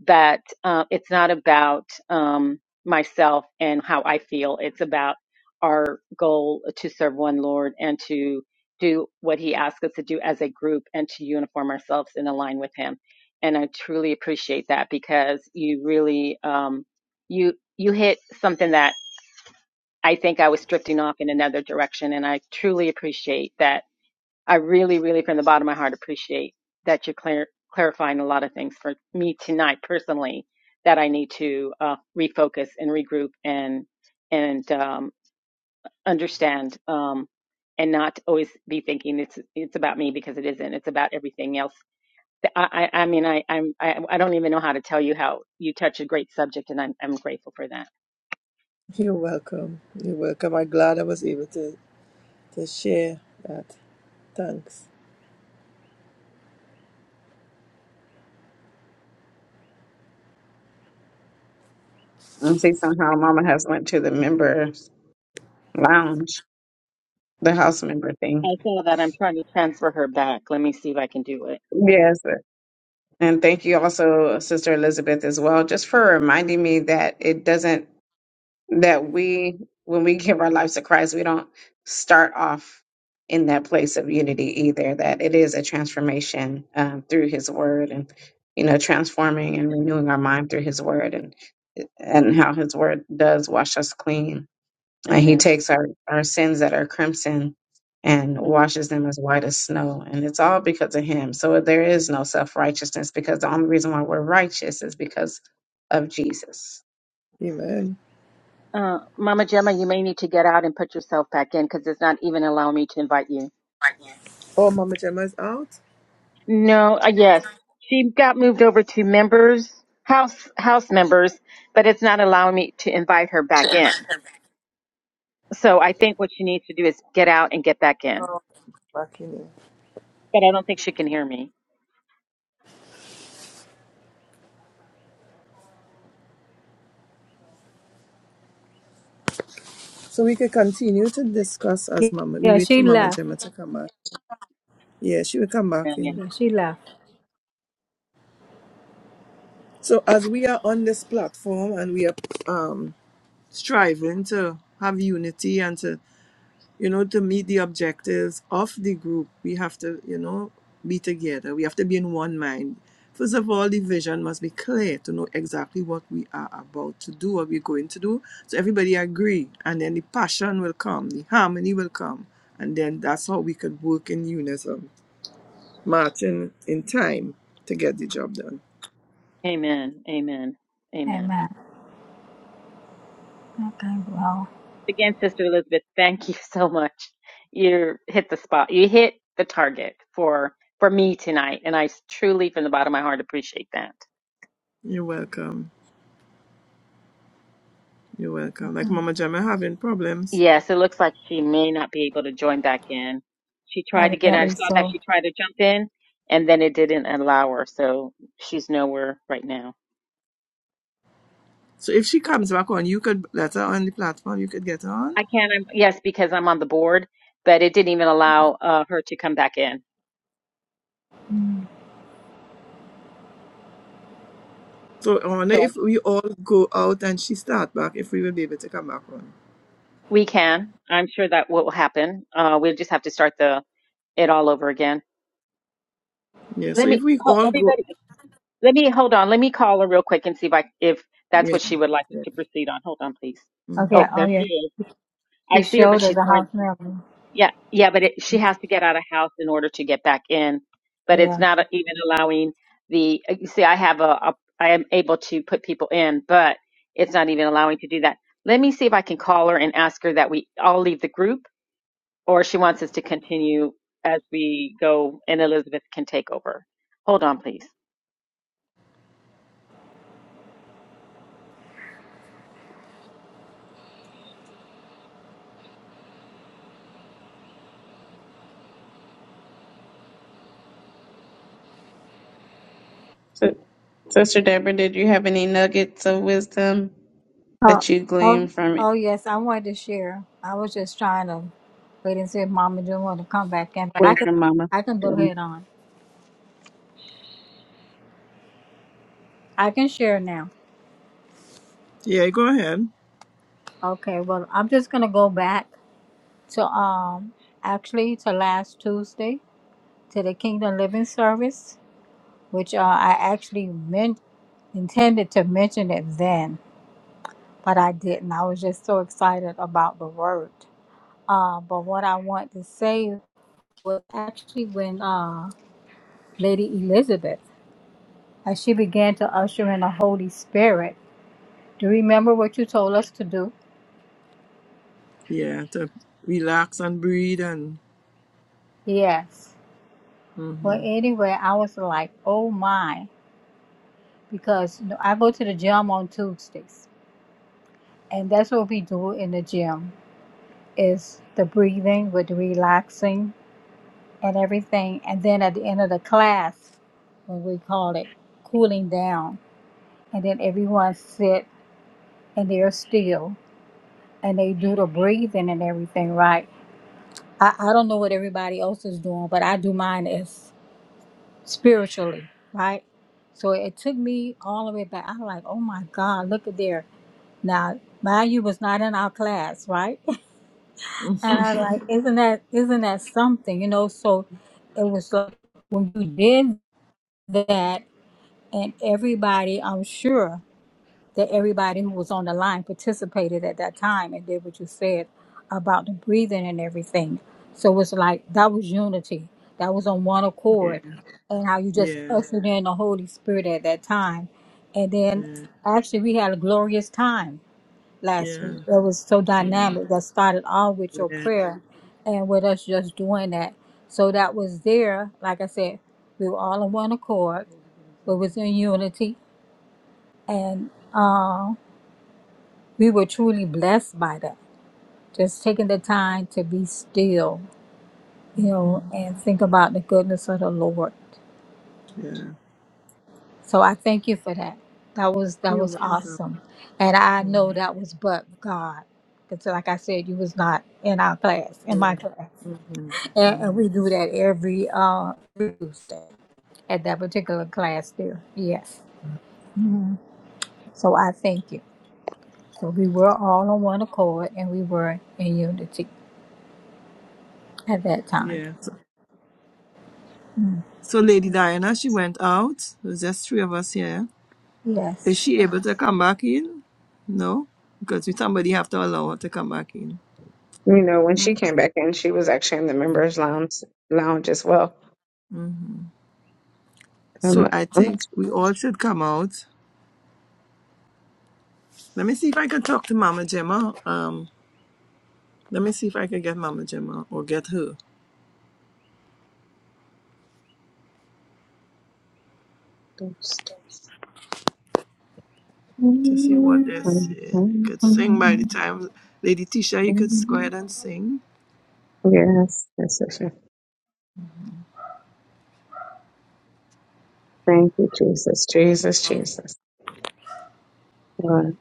that uh, it's not about um, myself and how i feel it's about our goal to serve one lord and to do what he asks us to do as a group and to uniform ourselves and align with him and i truly appreciate that because you really um, you you hit something that i think i was drifting off in another direction and i truly appreciate that I really, really, from the bottom of my heart, appreciate that you're clar- clarifying a lot of things for me tonight personally that I need to uh, refocus and regroup and and um, understand um, and not always be thinking it's it's about me because it isn't. It's about everything else. I, I, I mean, I, I'm, I, I don't even know how to tell you how you touch a great subject, and I'm, I'm grateful for that.
You're welcome. You're welcome. I'm glad I was able to, to share that. Thanks.
I see somehow Mama has went to the members lounge, the house member
I
thing.
saw that. I'm trying to transfer her back. Let me see if I can do it.
Yes. And thank you also, Sister Elizabeth, as well, just for reminding me that it doesn't that we when we give our lives to Christ, we don't start off in that place of unity either. That it is a transformation um, through His Word and you know transforming and renewing our mind through His Word and and how His Word does wash us clean And he
Amen.
takes our, our sins that are crimson and
Mm.
washes them as white as snow. And it's all because of him. So there is no self righteousness because the only reason why we're righteous is because of Jesus.
Amen.
Uh, Mama Gemma, you may need to get out and put yourself back in because it's not even allowing me to invite you.
Oh, Mama Gemma's out?
No, uh, yes, she got moved over to members, house house members, but it's not allowing me to invite her back in. So I think what she needs to do is get out and get back in.
No, back in here.
But I don't think she can hear me.
So we can continue to discuss as Mama. We
Yeah,
wait
she
for Mama
left.
Gemma to come back. Yeah, she will come back in.
Amen.
Yeah, she left.
So as we are on this platform and we are um, striving to have unity and to you know to meet the objectives of the group, we have to you know be together. We have to be in one mind. First of all, the vision must be clear to know exactly what we are about to do, what we're going to do. So everybody agree, and then the passion will come, the harmony will come, and then that's how we could work in unison, marching in time to get the job done.
Amen. Amen. Amen.
Amen. Okay, well,
Again, Sister Elizabeth, thank you so much. You hit the spot. You hit the target for for me tonight, and I truly, from the bottom of my heart, appreciate that.
You're welcome. You're welcome. Like Mama Gemma having problems.
Yes, it looks like she may not be able to join back in. She tried to get. I
evidently
saw that
so.
she tried to jump in, and then it didn't allow her. So she's nowhere right now.
So if she comes back on, you could let her on the platform. You could get her on.
I can, I'm, yes, because I'm on the board, but it didn't even allow uh, her to come back in.
So I wonder
So I,
if we all go out and she start back, if we will be able to come back on.
we can. I'm sure that will happen. Uh, we'll just have to start the it all over again.
Yeah. So
Let
if
me,
we
ho-
all go,
everybody, let me hold on. Let me call her real quick and see if I, if that's
yeah,
what she would like us
yeah,
to proceed on. Hold on, please.
Okay,
hmm
Oh,
oh
there
yeah,
she is. I
she
see her,
showed
but
her
she's
the
going.
house member.
Yeah, yeah, but it, she has to get out of house in order to get back in. But it's
Yeah.
not even allowing the. uh, You see, I have a, a I am able to put people in, but it's not even allowing to do that. Let me see if I can call her and ask her that we all leave the group, or she wants us to continue as we go, and Elizabeth can take over. Hold on, please.
So, Sister Deborah, did you have any nuggets of wisdom
Oh,
that you
oh,
gleaned from
oh yes, I wanted to share. I was just trying to wait and see if Mama didn't want to come back in, but I
away
can,
from Mama?
I can go
You
ahead on. I can share now.
yeah. Go ahead.
Okay, well, I'm just gonna go back to um, actually to last Tuesday to the Kingdom Living Service, which uh, I actually meant intended to mention it then but I didn't. I was just so excited about the word. Uh, but what I want to say was actually when uh, Lady Elizabeth, as she began to usher in the Holy Spirit, do you remember what you told us to do?
Yeah, to relax and breathe and.
Yes. Well,
hmm
anyway, I was like, oh my, because you know, I go to the gym on Tuesdays, and that's what we do in the gym is the breathing with relaxing and everything. And then at the end of the class, when we call it cooling down, and then everyone sit and they're still and they do the breathing and everything right. I, I don't know what everybody else is doing, but I do mine as spiritually, right? So it took me all the way back. I'm like, oh my God, look at there. Now, mind you was not in our class, right? And I like, isn't that isn't that something? You know, so it was like when you did that and everybody i'm sure that everybody who was on the line participated at that time and did what you said about the breathing and everything so it's like that was unity that was on one
Yeah,
accord and how you just
yeah,
ushered in the holy spirit at that time and then
yeah,
actually we had a glorious time last
yeah,
week it was so
yeah,
dynamic that started all with your
yeah.
prayer and with us just doing that so that was there like i said we were all on one accord we was in unity and uh, we were truly blessed by that. Just taking the time to be still, you know,
hmm
and think about the goodness of the Lord.
Yeah.
So I thank you for that. That was that
You're
was
welcome.
awesome, and I know
hmm
that was but God, because like I said, you was not in our class, in my
Yeah.
class,
Mm-hmm.
and, and
Mm-hmm.
we do that every uh Tuesday at that particular class there. Yes. Mhm. So I thank you. So we were all on one accord, and we were in unity. at that time.
Yeah. so
Mm.
So Lady Diana, she went out. There's just three of us here. Is
Yes.
she able to come back in? No, because we somebody have to allow her to come back in.
know, when she came back in, she was actually in the members' lounge lounge as well.
Mhm.
I'm
So
not.
I
I'm not.
think we all should come out. Let me see if I can talk to Mama Gemma. Um, let me see if I can get Mama Gemma or get her to see what they're saying. You could sing by the
sure.
time Lady Tisha. You could s- go ahead and sing.
Yes, yes, yes. yes. Thank you, Jesus, Jesus, Jesus. Lord.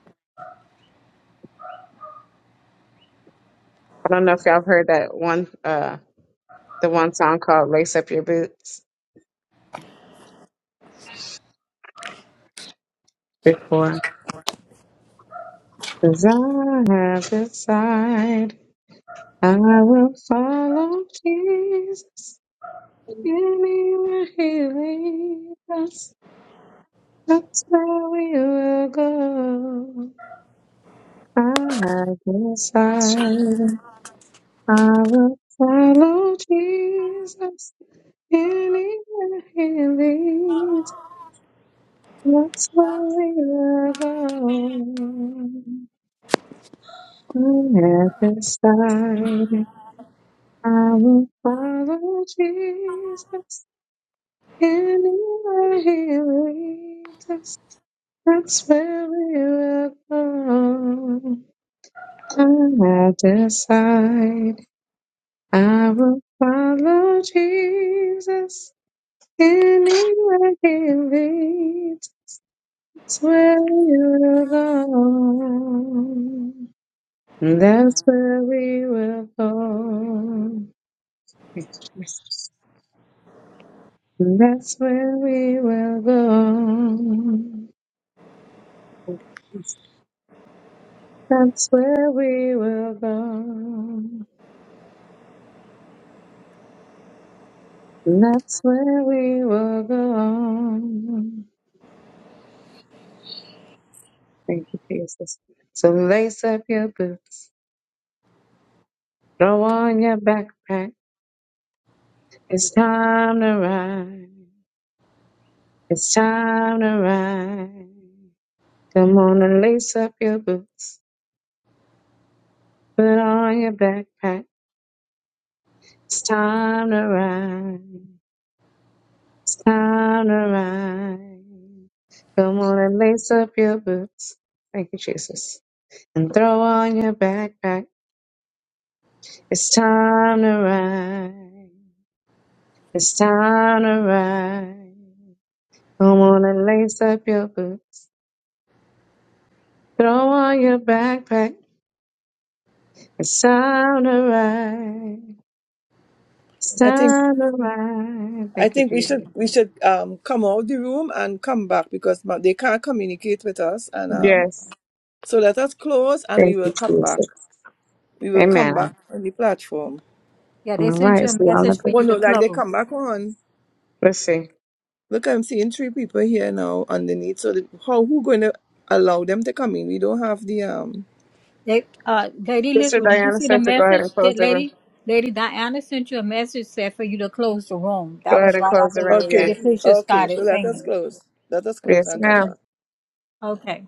I don't know if y'all have heard that one, uh, the one song called "Lace Up Your Boots" before. Cause I have decided I will follow Jesus anywhere He leads us. That's where we will go. I have decided I will follow Jesus Anywhere he leads, that's where we'll go. And at this time, I will follow Jesus. Anywhere he leads us, that's where we will go. And at this side, I will follow Jesus. Anywhere he leads. Swear you belong. That's where we will go. Thank you, Jesus. That's where we will go. That's where we will go. That's where we will go. Thank you, Jesus. So lace up your boots, throw on your backpack. It's time to ride. It's time to ride. Come on and lace up your boots. Put on your backpack. It's time to ride. It's time to ride. Come on and lace up your boots. Thank you, Jesus. And throw on your backpack. It's time to ride. It's time to ride. Come on and lace up your boots. Throw on your backpack. It's time to ride. It's
I think
time to ride.
I
Thank you,
think we should
Jesus.
we should um come out the room and come back because ma- they can't communicate with us and um
Yes.
So let us close and we
Thank
will
you,
come back.
Jesus.
We will
Amen.
come back on the platform.
Yeah,
All
they sent
right,
you a
see y'all in a
message for
bit.
you
Well,
to
no, like they
close.
come back on.
Let's see.
Look, I'm seeing three people here now underneath. So the, how who going to allow them to come in? We don't have the um.
They, uh, Lady
Sister
Elizabeth, did you
Diana
see the
said to go ahead
message
and close
that
the room.
Lady Lady Diana sent you a message said for you to close the room?
Go
That
ahead
was
and
right
close the
after
room. Yes.
Lady
Okay,
Tisha
okay. So
started
let us
singing.
close. Let us close
Yes,
and come
ma'am.
back.
Okay.